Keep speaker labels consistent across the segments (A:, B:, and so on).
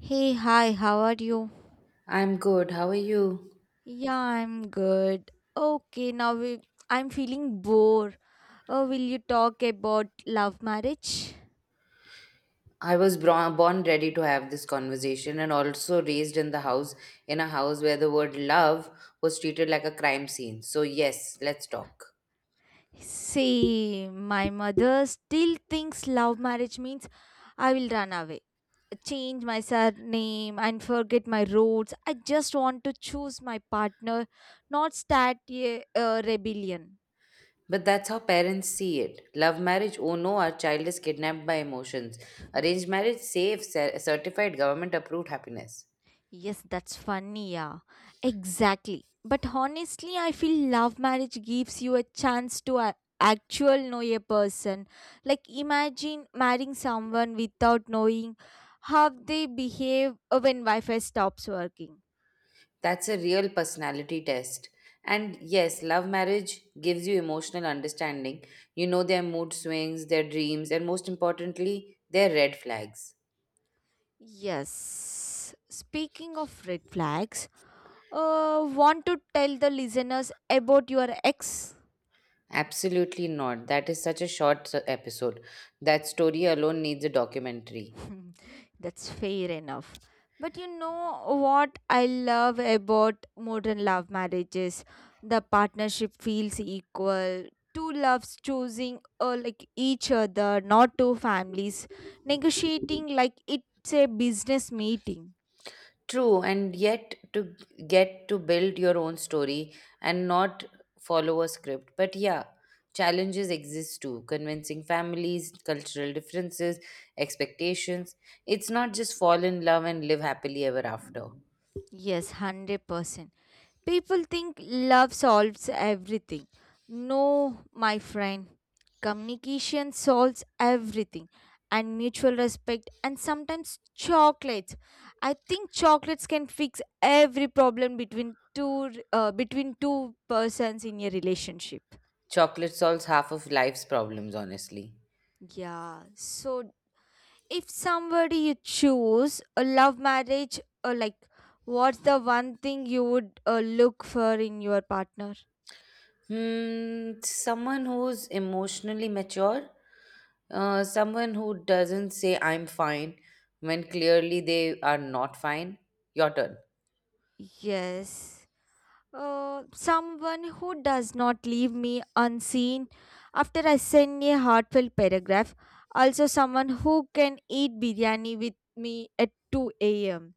A: Hey, hi, how are you?
B: I'm good. How are you?
A: Yeah, I'm good. Okay, I'm feeling bored. Oh, will you talk about love marriage?
B: Born ready to have this conversation and also raised in the house, in a house where the word love was treated like a crime scene. So, yes, let's talk.
A: See, my mother still thinks love marriage means I will run away, change my surname, and forget my roots. I just want to choose my partner, not start a rebellion.
B: But that's how parents see it. Love marriage, oh no, our child is kidnapped by emotions. Arranged marriage, safe, certified, government approved happiness.
A: Yes, that's funny, yeah. Exactly. But honestly, I feel love marriage gives you a chance to actual know a person. Like imagine marrying someone without knowing how they behave when Wi-Fi stops working.
B: That's a real personality test. And yes, love marriage gives you emotional understanding. You know their mood swings, their dreams, and most importantly, their red flags.
A: Yes. Speaking of red flags, want to tell the listeners about your ex?
B: Absolutely not. That is such a episode. That story alone needs a documentary.
A: Hmm. That's fair enough. But you know what I love about modern love marriages? The partnership feels equal. Two loves choosing like each other, not two families negotiating like it's a business meeting.
B: True, and yet to get to build your own story and not follow a script. But yeah, challenges exist too convincing families, cultural differences, expectations. It's not just fall in love and live happily ever after.
A: Yes, 100%. People think love solves everything. No, my friend. Communication solves everything and mutual respect and sometimes chocolates. I think chocolates can fix every problem between two persons in a relationship.
B: Chocolate solves half of life's problems, honestly.
A: Yeah. So if somebody you choose a love marriage or like what's the one thing you would look for in your partner?
B: Hmm, someone who's emotionally mature, someone who doesn't say I'm fine when clearly they are not fine. Your turn.
A: Yes. Someone who does not leave me unseen after I send a heartfelt paragraph. Also, someone who can eat biryani with me at 2 a.m.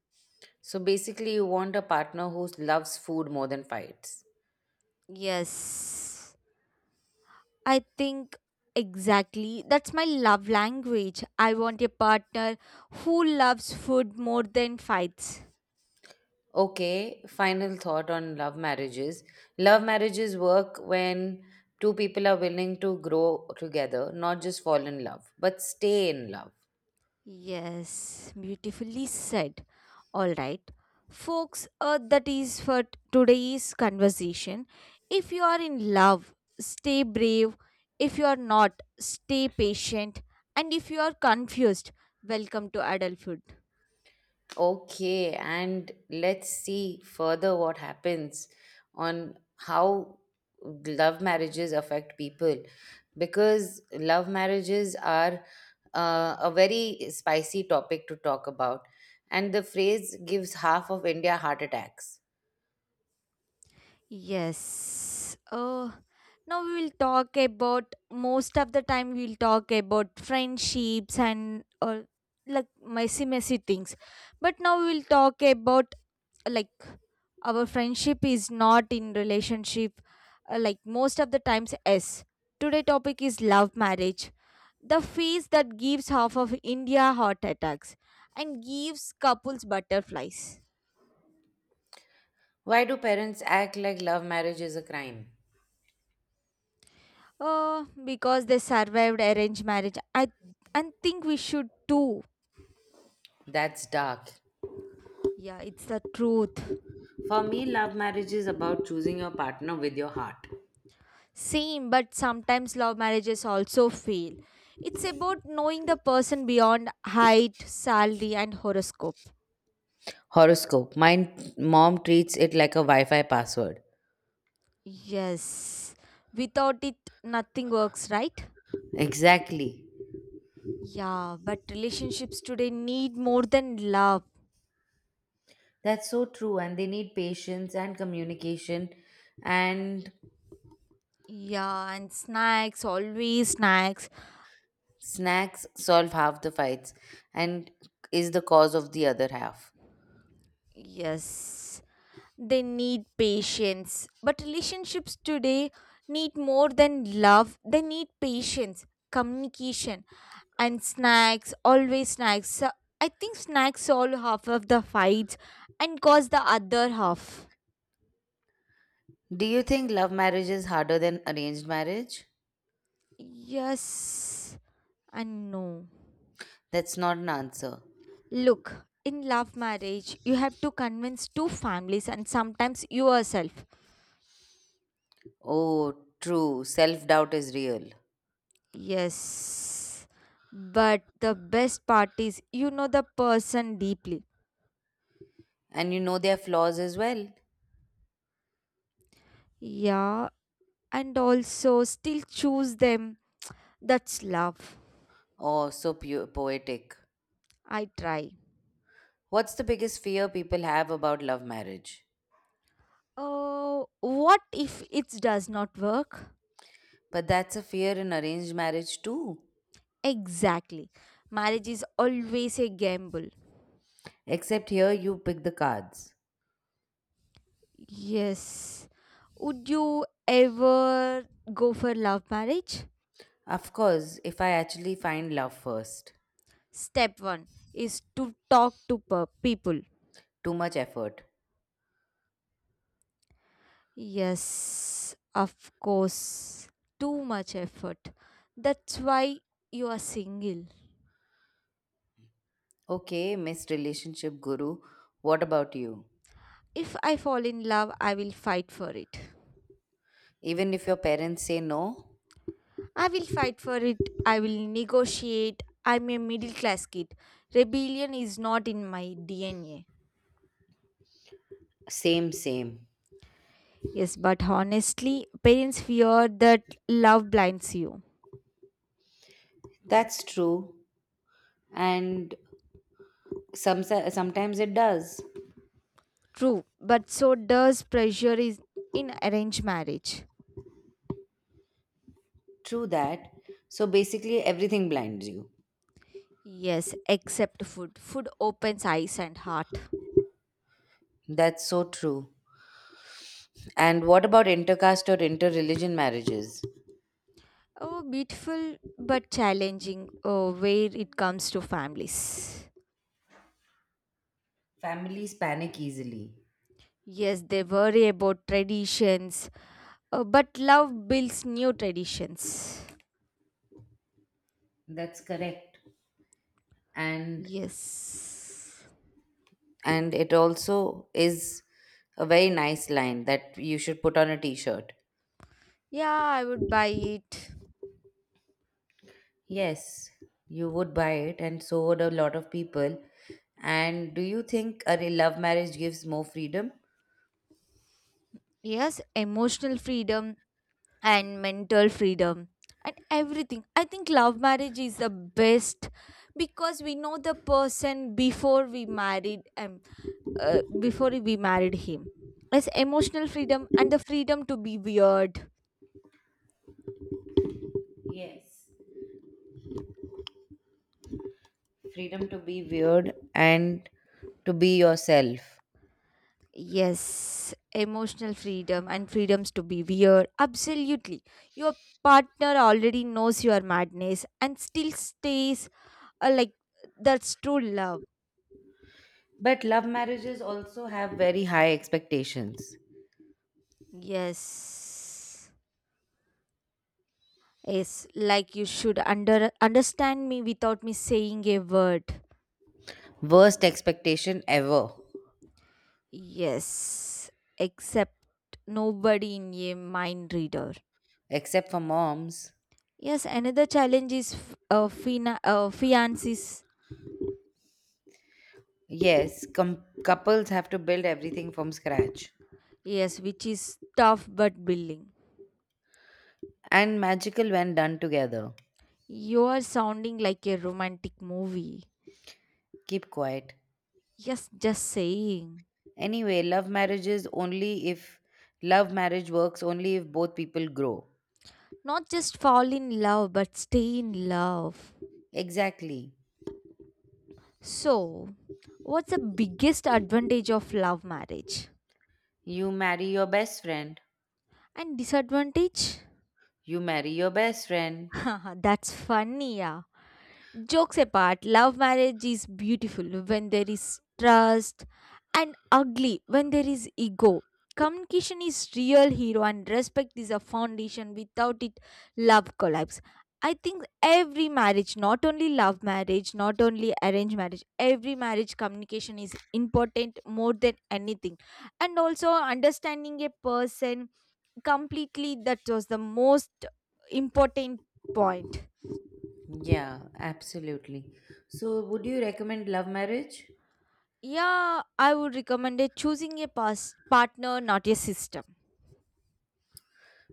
B: So basically, you want a partner who loves food more than fights.
A: Yes, I think exactly that's my love language. I want a partner who loves food more than fights.
B: Okay, final thought on love marriages. Love marriages work when two people are willing to grow together, not just fall in love, but stay in love.
A: Yes, beautifully said. All right, folks, that is for today's conversation. If you are in love, stay brave. If you are not, stay patient. And if you are confused, welcome to adulthood.
B: Okay, and let's see further what happens on how love marriages affect people because love marriages are a very spicy topic to talk about, and the phrase gives half of India heart attacks.
A: Yes. Now we will talk about most of the time we will talk about friendships and or like messy things. But now we will talk about like our friendship is not in relationship, like most of the times. Yes, today topic is love marriage, the phase that gives half of India heart attacks and gives couples butterflies.
B: Why do parents act like love marriage is a crime?
A: uh, because they survived arranged marriage I and think we should too.
B: That's dark.
A: Yeah, it's the truth.
B: For me, love marriage is about choosing your partner with your heart.
A: Same, but sometimes love marriages also fail. It's about knowing the person beyond height, salary, and horoscope.
B: Horoscope. My mom treats it like a Wi Fi password.
A: Yes. Without it, nothing works, right?
B: Exactly.
A: Yeah, but relationships today need more than love.
B: That's so true. And they need patience and communication. And
A: Yeah, and snacks, always snacks.
B: snacks solve half the fights and is the cause of the other half.
A: Yes, they need patience. But relationships today need more than love, they need patience, communication, and snacks, always snacks. So I think snacks solve half of the fights and cause the other half.
B: Do you think love marriage is harder than arranged marriage?
A: Yes, and no.
B: That's not an answer.
A: Look, in love marriage, you have to convince two families and sometimes yourself.
B: Oh, true. Self doubt is real.
A: Yes. But the best part is you know the person deeply.
B: And you know their flaws as well.
A: Yeah, and also still choose them. That's love.
B: Oh, so poetic.
A: I try.
B: What's the biggest fear people have about love marriage?
A: Oh, what if it does not work?
B: But that's a fear in arranged marriage too.
A: Exactly. Marriage is always a gamble.
B: Except here you pick the cards.
A: Yes. Would you ever go for love marriage?
B: Of course, if I actually find love first.
A: Step one is to talk to people.
B: Too much effort.
A: Yes, of course. Too much effort. That's why you are single.
B: Okay, Miss Relationship Guru, what about you?
A: If I fall in love, I will fight for it.
B: Even if your parents say no?
A: I will fight for it. I will negotiate. I'm a middle class kid. Rebellion is not in my DNA.
B: Same, same.
A: Yes, but honestly, parents fear that love blinds you.
B: That's true. And sometimes it does.
A: True, but so does pressure is in arranged marriage.
B: True that. So basically, everything blinds you.
A: Yes, except food. Food opens eyes and heart.
B: That's so true. And what about intercaste or interreligion marriages?
A: Oh, beautiful but challenging, oh, where it comes to families.
B: Families panic easily.
A: Yes, they worry about traditions, but love builds new traditions.
B: That's correct. And
A: Yes.
B: and it also is a very nice line that you should put on a t-shirt.
A: Yeah, I would buy it.
B: Yes, you would buy it and so would a lot of people. And do you think love marriage gives more freedom?
A: Yes, emotional freedom and mental freedom and everything. I think love marriage is the best because we know the person before we married him is emotional freedom and the freedom to be weird.
B: Yes, freedom to be weird and to be yourself.
A: Yes, emotional freedom and freedoms to be weird absolutely. Your partner already knows your madness and still stays, like that's true love.
B: But love marriages also have very high expectations.
A: Yes, yes, like you should understand me without me saying a word.
B: Worst expectation ever,
A: Yes, except nobody in a mind reader.
B: except for moms.
A: Yes, another challenge is fiances.
B: Yes, couples have to build everything from scratch
A: Yes, which is tough but building.
B: and magical when done together.
A: You are sounding like a romantic movie.
B: Keep quiet.
A: Yes, just saying.
B: Anyway, love marriage works only if both people grow.
A: Not just fall in love, but stay in love.
B: Exactly.
A: So, what's the biggest advantage of love marriage?
B: You marry your best friend.
A: And disadvantage?
B: You marry your best friend.
A: Haha, that's funny, yeah. Jokes apart, love marriage is beautiful when there is trust and ugly when there is ego. Communication is real hero and respect is a foundation. Without it, love collapse. I think every marriage, not only love marriage, not only arranged marriage, every marriage communication is important more than anything. And also understanding a person completely, that was the most important point.
B: Yeah, absolutely. So, would you recommend love marriage?
A: Yeah, I would recommend it choosing a past partner, not a system.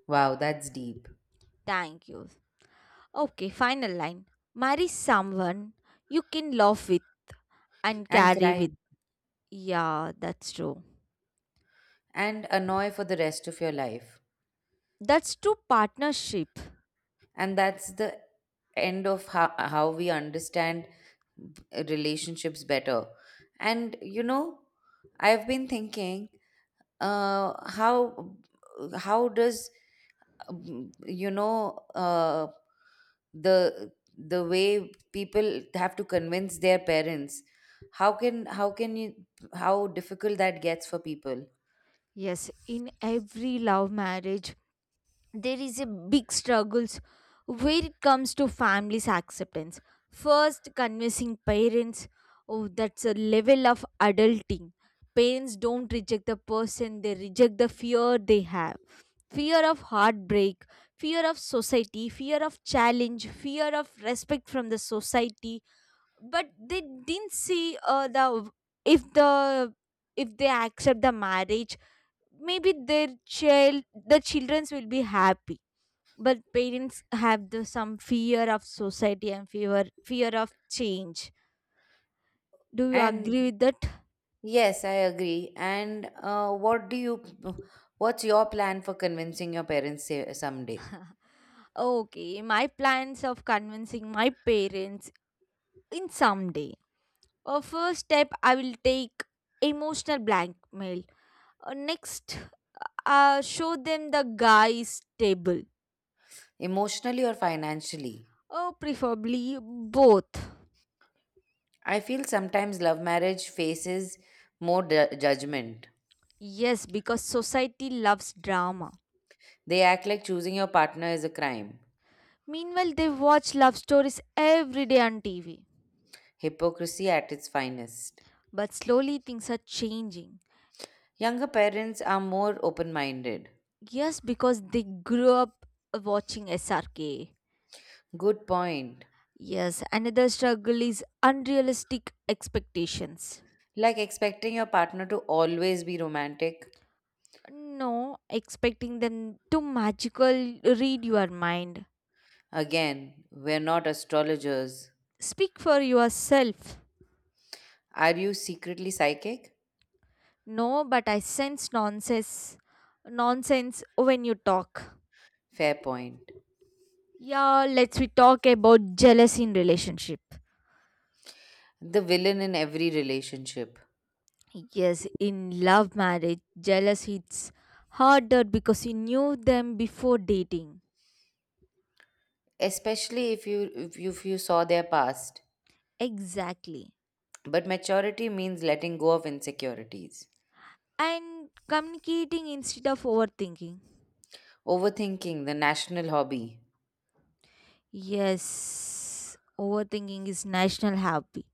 B: Wow, that's deep.
A: Thank you. Okay, final line. Marry someone you can laugh with and
B: And
A: carry
B: cry
A: with. Yeah, that's true.
B: and annoy for the rest of your life.
A: That's true partnership.
B: And that's the end of how we understand b- relationships better. And you know, I've been thinking, uh how how does you know the way people have to convince their parents, how can you, how difficult that gets for people.
A: Yes, in every love marriage, there is a big struggles where it comes to families acceptance. First convincing parents, oh that's a level of adulting. Parents don't reject the person, they reject the fear they have. Fear of heartbreak, fear of society, fear of challenge, fear of respect from the society. But they didn't see, the if they accept the marriage, maybe the childrens will be happy. But parents have the some fear of society and fear of change. Do you
B: And
A: agree with that?
B: Yes, I agree. And what do what's your plan for convincing your parents someday,
A: Okay, my plans of convincing my parents in some day, first step I will take emotional blackmail, next, show them the guy's table,
B: emotionally or financially?
A: or preferably both.
B: I feel sometimes love marriage faces more judgment.
A: Yes, because society loves drama,
B: They act like choosing your partner is a crime,
A: meanwhile they watch love stories every day on TV.
B: hypocrisy at its finest.
A: But slowly things are changing.
B: Younger parents are more open minded.
A: Yes, because they grew up watching SRK.
B: Good point.
A: Yes, another struggle is unrealistic expectations.
B: Like expecting your partner to always be romantic.
A: No, expecting them to magical read your mind.
B: Again, we're not astrologers.
A: Speak for yourself.
B: Are you secretly psychic?
A: No, but I sense nonsense when you talk.
B: Fair point.
A: Yeah, let's we talk about jealousy in relationship.
B: The villain in every relationship,
A: Yes, in love marriage, jealousy hits harder because you knew them before dating.
B: especially if you saw their past.
A: Exactly.
B: But maturity means letting go of insecurities.
A: And communicating instead of overthinking.
B: Overthinking, the national hobby.
A: Yes, overthinking is national hobby.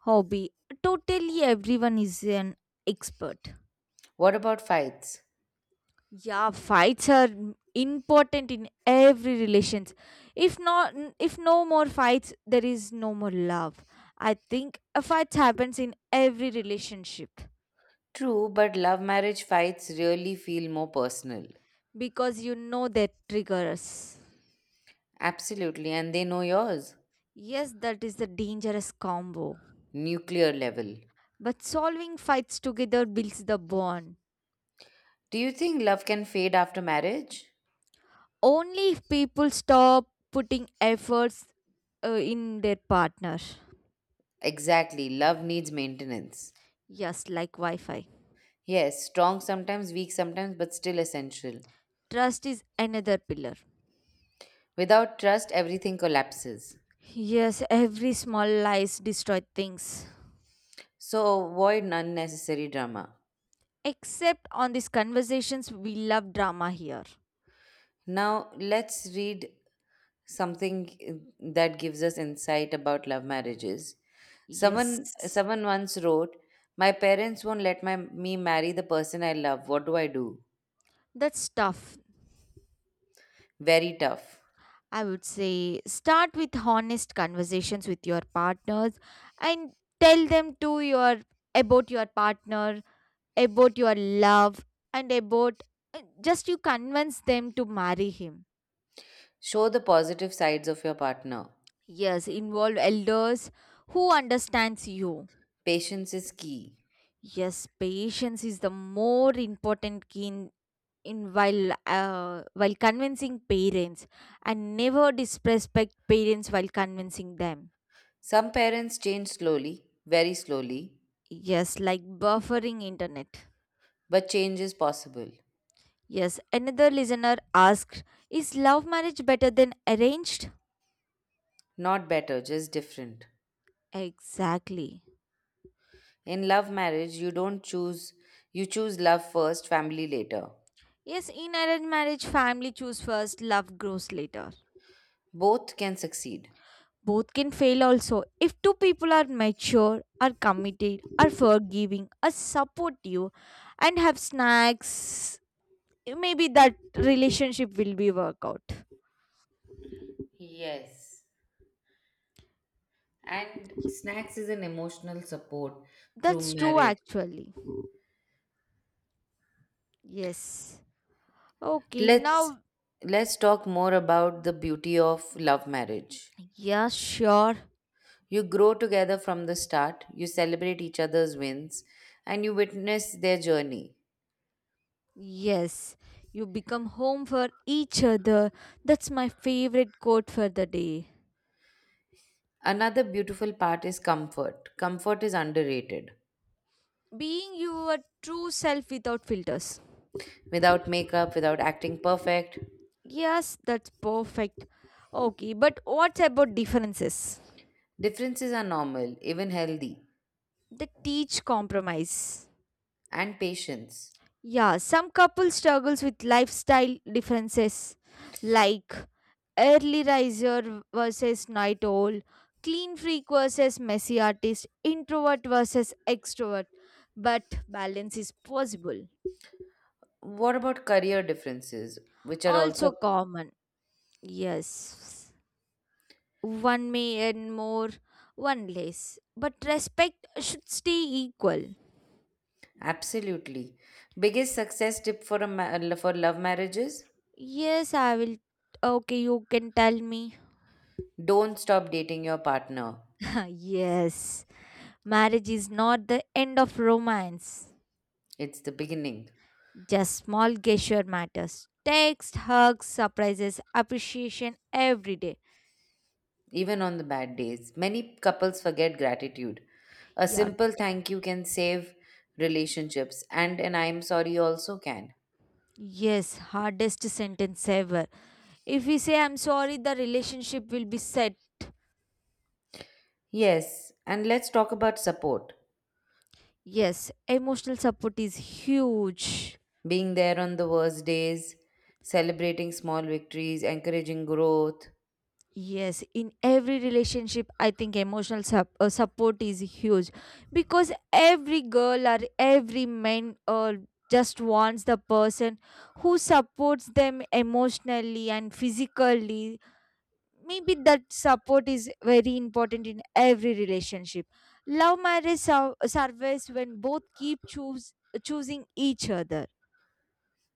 A: Hobby. Totally everyone is an expert.
B: What about fights?
A: Yeah, fights are important in every relations. If no more fights, there is no more love. I think a fight happens in every relationship,
B: True, but love marriage fights really feel more personal.
A: because you know their triggers.
B: Absolutely, and they know yours.
A: Yes, that is the dangerous combo.
B: Nuclear level.
A: But solving fights together builds the bond.
B: Do you think love can fade after marriage?
A: Only if people stop putting efforts in their partner.
B: Exactly, love needs maintenance.
A: Yes, like Wi Fi.
B: Yes, strong sometimes, weak sometimes, but still essential.
A: Trust is another pillar.
B: Without trust, everything collapses.
A: Yes, every small lies destroy things.
B: So avoid unnecessary drama.
A: Except on these conversations, we love drama here.
B: Now, let's read something that gives us insight about love marriages.
A: Yes,
B: Someone once wrote, my parents won't let me marry the person I love. What do I do?
A: that's tough.
B: Very tough.
A: I would say start with honest conversations with your partners and tell them to your about your partner, about your love and about, just you convince them to marry him.
B: Show the positive sides of your partner.
A: Yes, involve elders who understands you.
B: Patience is key.
A: Yes, patience is the more important key in while convincing parents and never disrespect parents while convincing them.
B: Some parents change slowly, very slowly,
A: Yes, like buffering internet.
B: but change is possible.
A: Yes, another listener asked, Is love marriage better than arranged?
B: Not better, just different.
A: Exactly.
B: In love marriage, you don't choose, you choose love first, family later.
A: Yes, in arranged marriage, family choose first, love grows later.
B: Both can succeed.
A: Both can fail also. If two people are mature, are committed, are forgiving, are supportive, and have snacks, maybe that relationship will be work out.
B: Yes. And
A: Y-
B: snacks is an emotional support
A: That's
B: through
A: true
B: marriage.
A: actually. Yes. Okay,
B: Let's
A: now,
B: let's talk more about the beauty of love marriage.
A: yeah, sure.
B: You grow together from the start, you celebrate each other's wins, and you witness their journey.
A: Yes, you become home for each other. That's my favorite quote for the day.
B: Another beautiful part is comfort. Comfort is underrated.
A: Being your true self without filters.
B: Without makeup, without acting perfect,
A: Yes, that's perfect. Okay, but what about differences?
B: differences are normal, even healthy,
A: They teach compromise.
B: and patience.
A: Yeah, some couple struggles with lifestyle differences like early riser versus night owl, clean freak versus messy artist, introvert versus extrovert. But balance is possible.
B: What about career differences, which are
A: Also
B: also
A: common. Yes. One may earn more, one less. But respect should stay equal.
B: absolutely biggest success tip for for love marriages?
A: Yes, I will. Okay, you can tell me.
B: Don't stop dating your partner.
A: Yes. Marriage is not the end of romance.
B: It's the beginning,
A: Just small gesture matters. Text, hugs, surprises, appreciation every day.
B: even on the bad days. Many couples forget gratitude. A
A: Yeah,
B: simple thank you can save relationships, and an I'm sorry also can.
A: yes, hardest sentence ever. If we say I'm sorry, the relationship will be set.
B: Yes, and let's talk about support.
A: Yes, emotional support is huge.
B: Being there on the worst days, celebrating small victories, encouraging growth,
A: Yes, in every relationship, I think emotional support is huge because every girl or every man, just wants the person who supports them emotionally and physically, maybe that support is very important in every relationship. Love marriage survives when both keep choose choosing each other.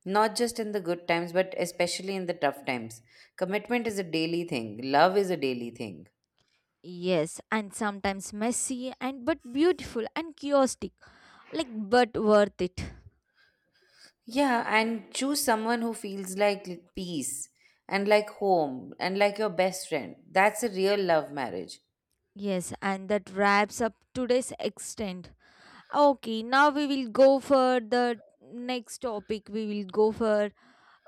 B: not just in the good times, but especially in the tough times. Commitment is a daily thing, love is a daily thing.
A: Yes, and sometimes messy and but beautiful and chaotic, like, but worth it.
B: Yeah, and choose someone who feels like peace and like home and like your best friend. That's a real love marriage.
A: Yes, and that wraps up today's extent. Okay, now we will go for the next topic. We will go for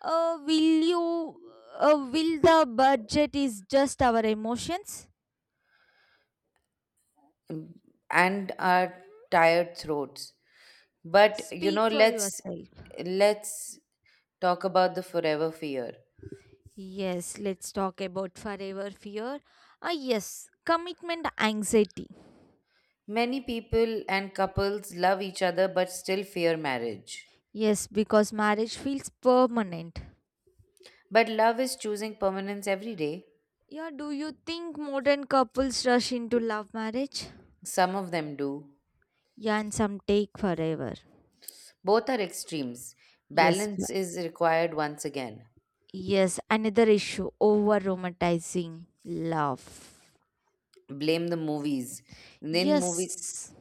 A: uh will you will the budget is just our emotions.
B: Mm, and our tired throats. But you
A: Speak
B: know,
A: for yourself.
B: let's talk about the forever fear.
A: Yes, let's talk about forever fear. Ah, yes, commitment anxiety.
B: Many people and couples love each other but still fear marriage.
A: Yes, because marriage feels permanent.
B: But love is choosing permanence every day.
A: Yeah, do you think modern couples rush into love marriage?
B: Some of them do.
A: Yeah, and some take forever.
B: Both are extremes.
A: Yes,
B: Balance is required once again.
A: yes, another issue over romanticizing love.
B: Blame the movies. In movies,
A: Yes,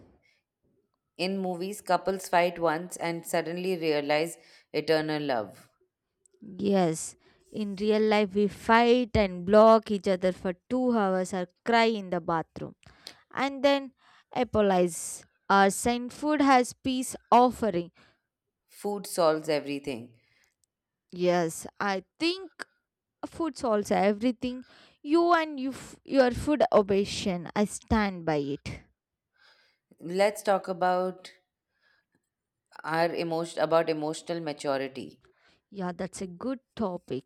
B: in movies, couples fight once and suddenly realize eternal love.
A: yes. In real life, we fight and block each other for 2 hours or cry in the bathroom, and then apologize. Our sent food has peace offering.
B: Food solves everything.
A: Yes, I think food's also everything. You and your food obsession. I stand by it.
B: Let's talk about our emotion about emotional maturity.
A: Yeah, that's a good topic.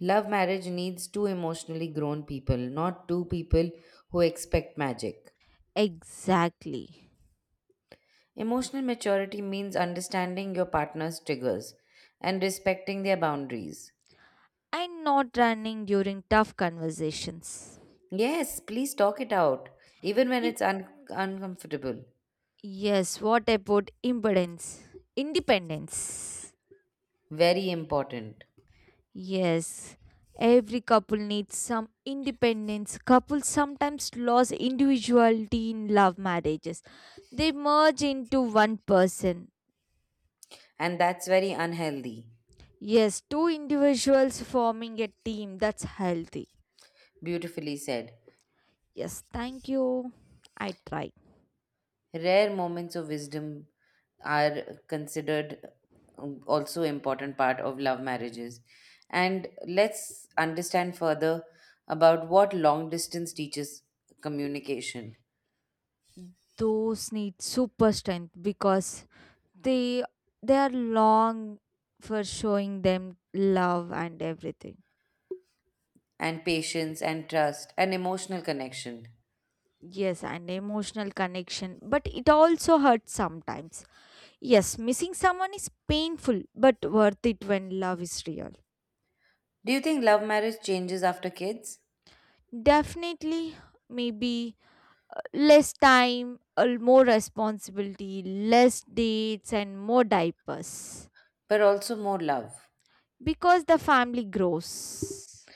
B: Love marriage needs two emotionally grown people, not two people who expect magic.
A: Exactly.
B: Emotional maturity means understanding your partner's triggers and respecting their boundaries.
A: And not running during tough conversations.
B: Yes, please talk it out, even when
A: You-
B: it's uncomfortable.
A: yes, what about impedance? Independence.
B: Very important.
A: Yes, every couple needs some independence. Couples sometimes lose individuality in love marriages. They merge into one person.
B: And that's very unhealthy.
A: Yes, two individuals forming a team that's healthy.
B: Beautifully said.
A: Yes, thank you. I try.
B: Rare moments of wisdom are considered also important part of love marriages. And let's understand further about what long distance teaches communication
A: Those need super strength because they they are long for showing them love and everything.
B: and patience and trust and emotional connection.
A: Yes, and emotional connection, but it also hurts sometimes. Yes, missing someone is painful but worth it when love is real.
B: Do you think love marriage changes after kids?
A: Definitely, maybe, less time, more responsibility, less dates, and more diapers
B: But also more love
A: because the family grows.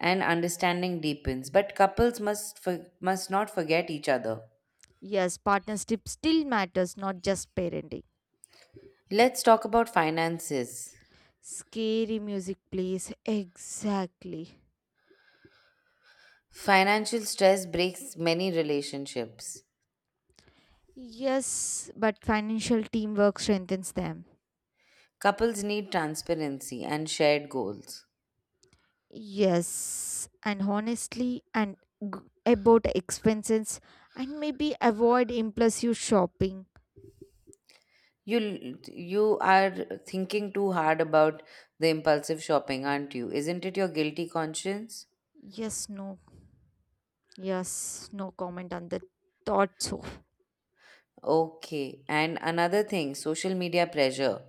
B: and understanding deepens. But couples must not forget each other.
A: Yes, partnership still matters, not just parenting.
B: Let's talk about finances.
A: Scary music plays exactly.
B: Financial stress breaks many relationships.
A: Yes, but financial teamwork strengthens them.
B: Couples need transparency and shared goals.
A: Yes, and honestly, and g- about expenses, and maybe avoid impulsive shopping.
B: You are thinking too hard about the impulsive shopping, aren't you? Isn't it your guilty conscience?
A: Yes, no, yes, no comment on the thought. So,
B: Okay. And another thing, social media pressure.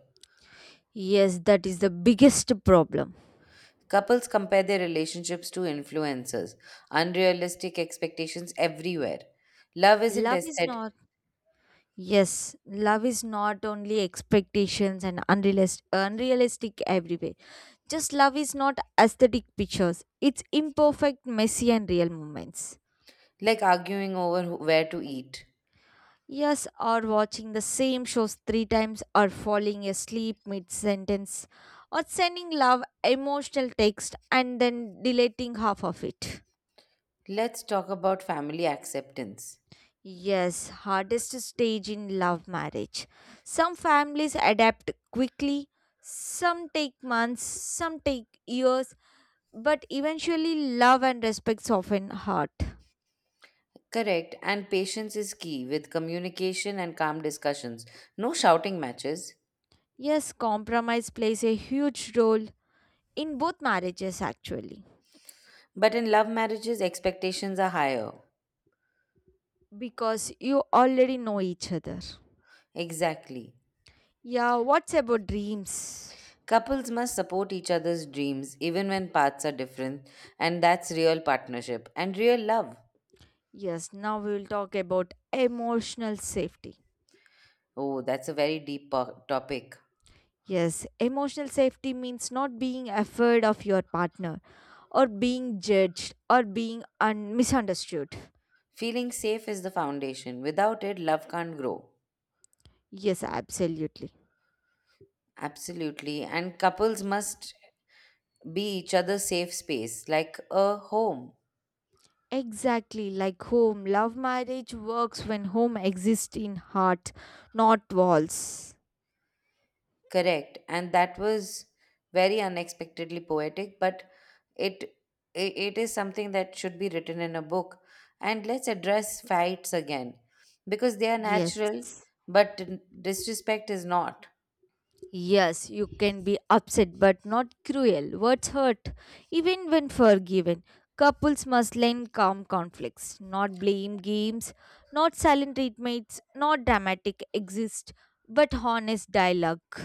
A: yes, that is the biggest problem.
B: Couples compare their relationships to influencers. Unrealistic expectations everywhere. Love isn't
A: Love is
B: aesthetic,
A: not, Yes, love is not only expectations and unrealistic, everywhere. Just love is not aesthetic pictures, it's imperfect, messy, and real moments.
B: like arguing over where to eat.
A: Yes, or watching the same shows three times, or falling asleep mid sentence, or sending love emotional text and then deleting half of it.
B: Let's talk about family acceptance.
A: Yes, hardest stage in love marriage. Some families adapt quickly, some take months, some take years, but eventually love and respect soften heart.
B: Correct, and patience is key with communication and calm discussions. No shouting matches.
A: Yes, compromise plays a huge role in both marriages actually.
B: But in love marriages, expectations are higher.
A: Because you already know each other.
B: Exactly.
A: Yeah, what's about dreams?
B: Couples must support each other's dreams even when paths are different, and that's real partnership and real love.
A: Yes, now we will talk about emotional safety.
B: Oh, that's a very deep topic.
A: Yes, emotional safety means not being afraid of your partner or being judged or being misunderstood.
B: Feeling safe is the foundation. Without it, love can't grow.
A: Yes, absolutely.
B: Absolutely. And couples must be each other's safe space, like a home.
A: Exactly like home. Love marriage works when home exists in heart, not walls.
B: Correct. And that was very unexpectedly poetic, but it it is something that should be written in a book. And let's address fights again because they are
A: Yes.
B: natural, but disrespect is not.
A: Yes, you can be upset but not cruel. Words hurt, even when forgiven. Couples must learn calm conflicts, not blame games, not silent treatments, not dramatic exist, but honest dialogue.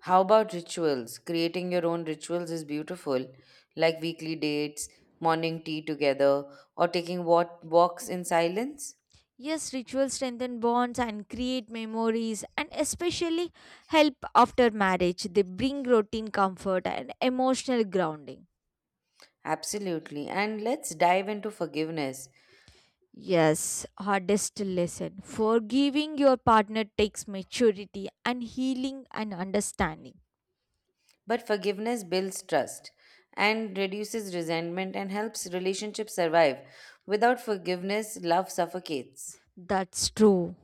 B: How about rituals? Creating your own rituals is beautiful, like weekly dates, morning tea together, or taking walks in silence.
A: Yes, rituals strengthen bonds and create memories and especially help after marriage. They bring routine comfort and emotional grounding.
B: Absolutely. And let's dive into forgiveness.
A: Yes, hardest lesson. Forgiving your partner takes maturity and healing and understanding.
B: But forgiveness builds trust and reduces resentment and helps relationships survive. Without forgiveness, love suffocates.
A: That's true.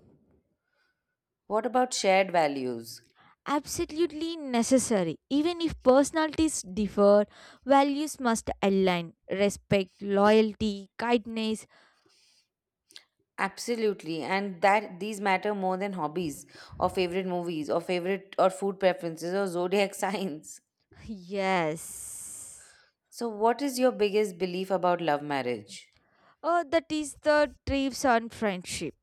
B: What about shared values?
A: Absolutely necessary. Even if personalities differ, values must align. Respect, loyalty, kindness.
B: Absolutely, and that these matter more than hobbies or favorite movies or favorite or food preferences or zodiac signs.
A: Yes.
B: So, what is your biggest belief about love marriage?
A: Oh, that is the thrives on friendship.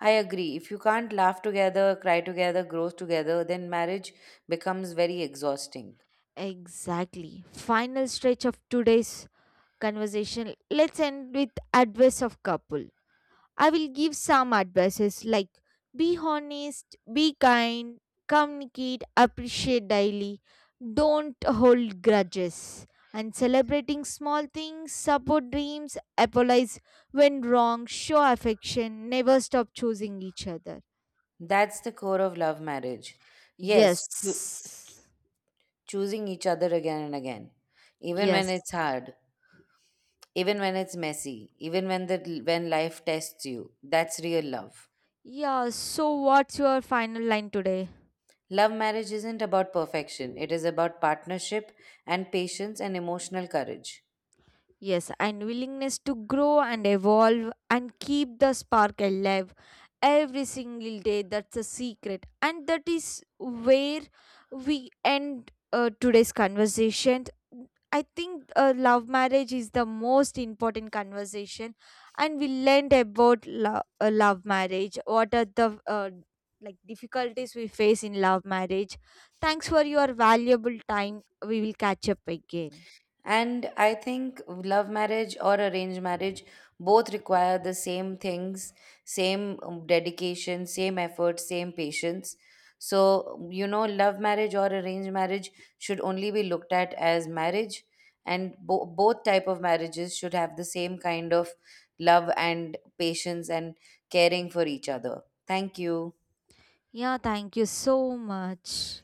B: I agree. If you can't laugh together, cry together, grow together, then marriage becomes very exhausting.
A: Exactly. Final stretch of today's conversation. Let's end with advice of couple. I will give some advices like be honest, be kind, communicate, appreciate daily, don't hold grudges, and celebrating small things, support dreams, apologize when wrong, show affection, never stop choosing each other.
B: That's the core of love marriage. Yes,
A: Yes.
B: choosing each other again and again, even when
A: Yes.
B: it's hard, even when it's messy, even when the when life tests you. That's real love.
A: Yeah, so what's your final line today?
B: Love marriage isn't about perfection. It is about partnership and patience and emotional courage.
A: Yes, and willingness to grow and evolve and keep the spark alive every single day. That's a secret. And that is where we end today's conversation. I think love marriage is the most important conversation, and we learned about love marriage. What are the like difficulties we face in love marriage? Thanks for your valuable time. We will catch up again.
B: And I think love marriage or arranged marriage both require the same things, same dedication, same effort, same patience. So, you know, love marriage or arranged marriage should only be looked at as marriage, and both type of marriages should have the same kind of love and patience and caring for each other. Thank you.
A: Yeah, thank you so much.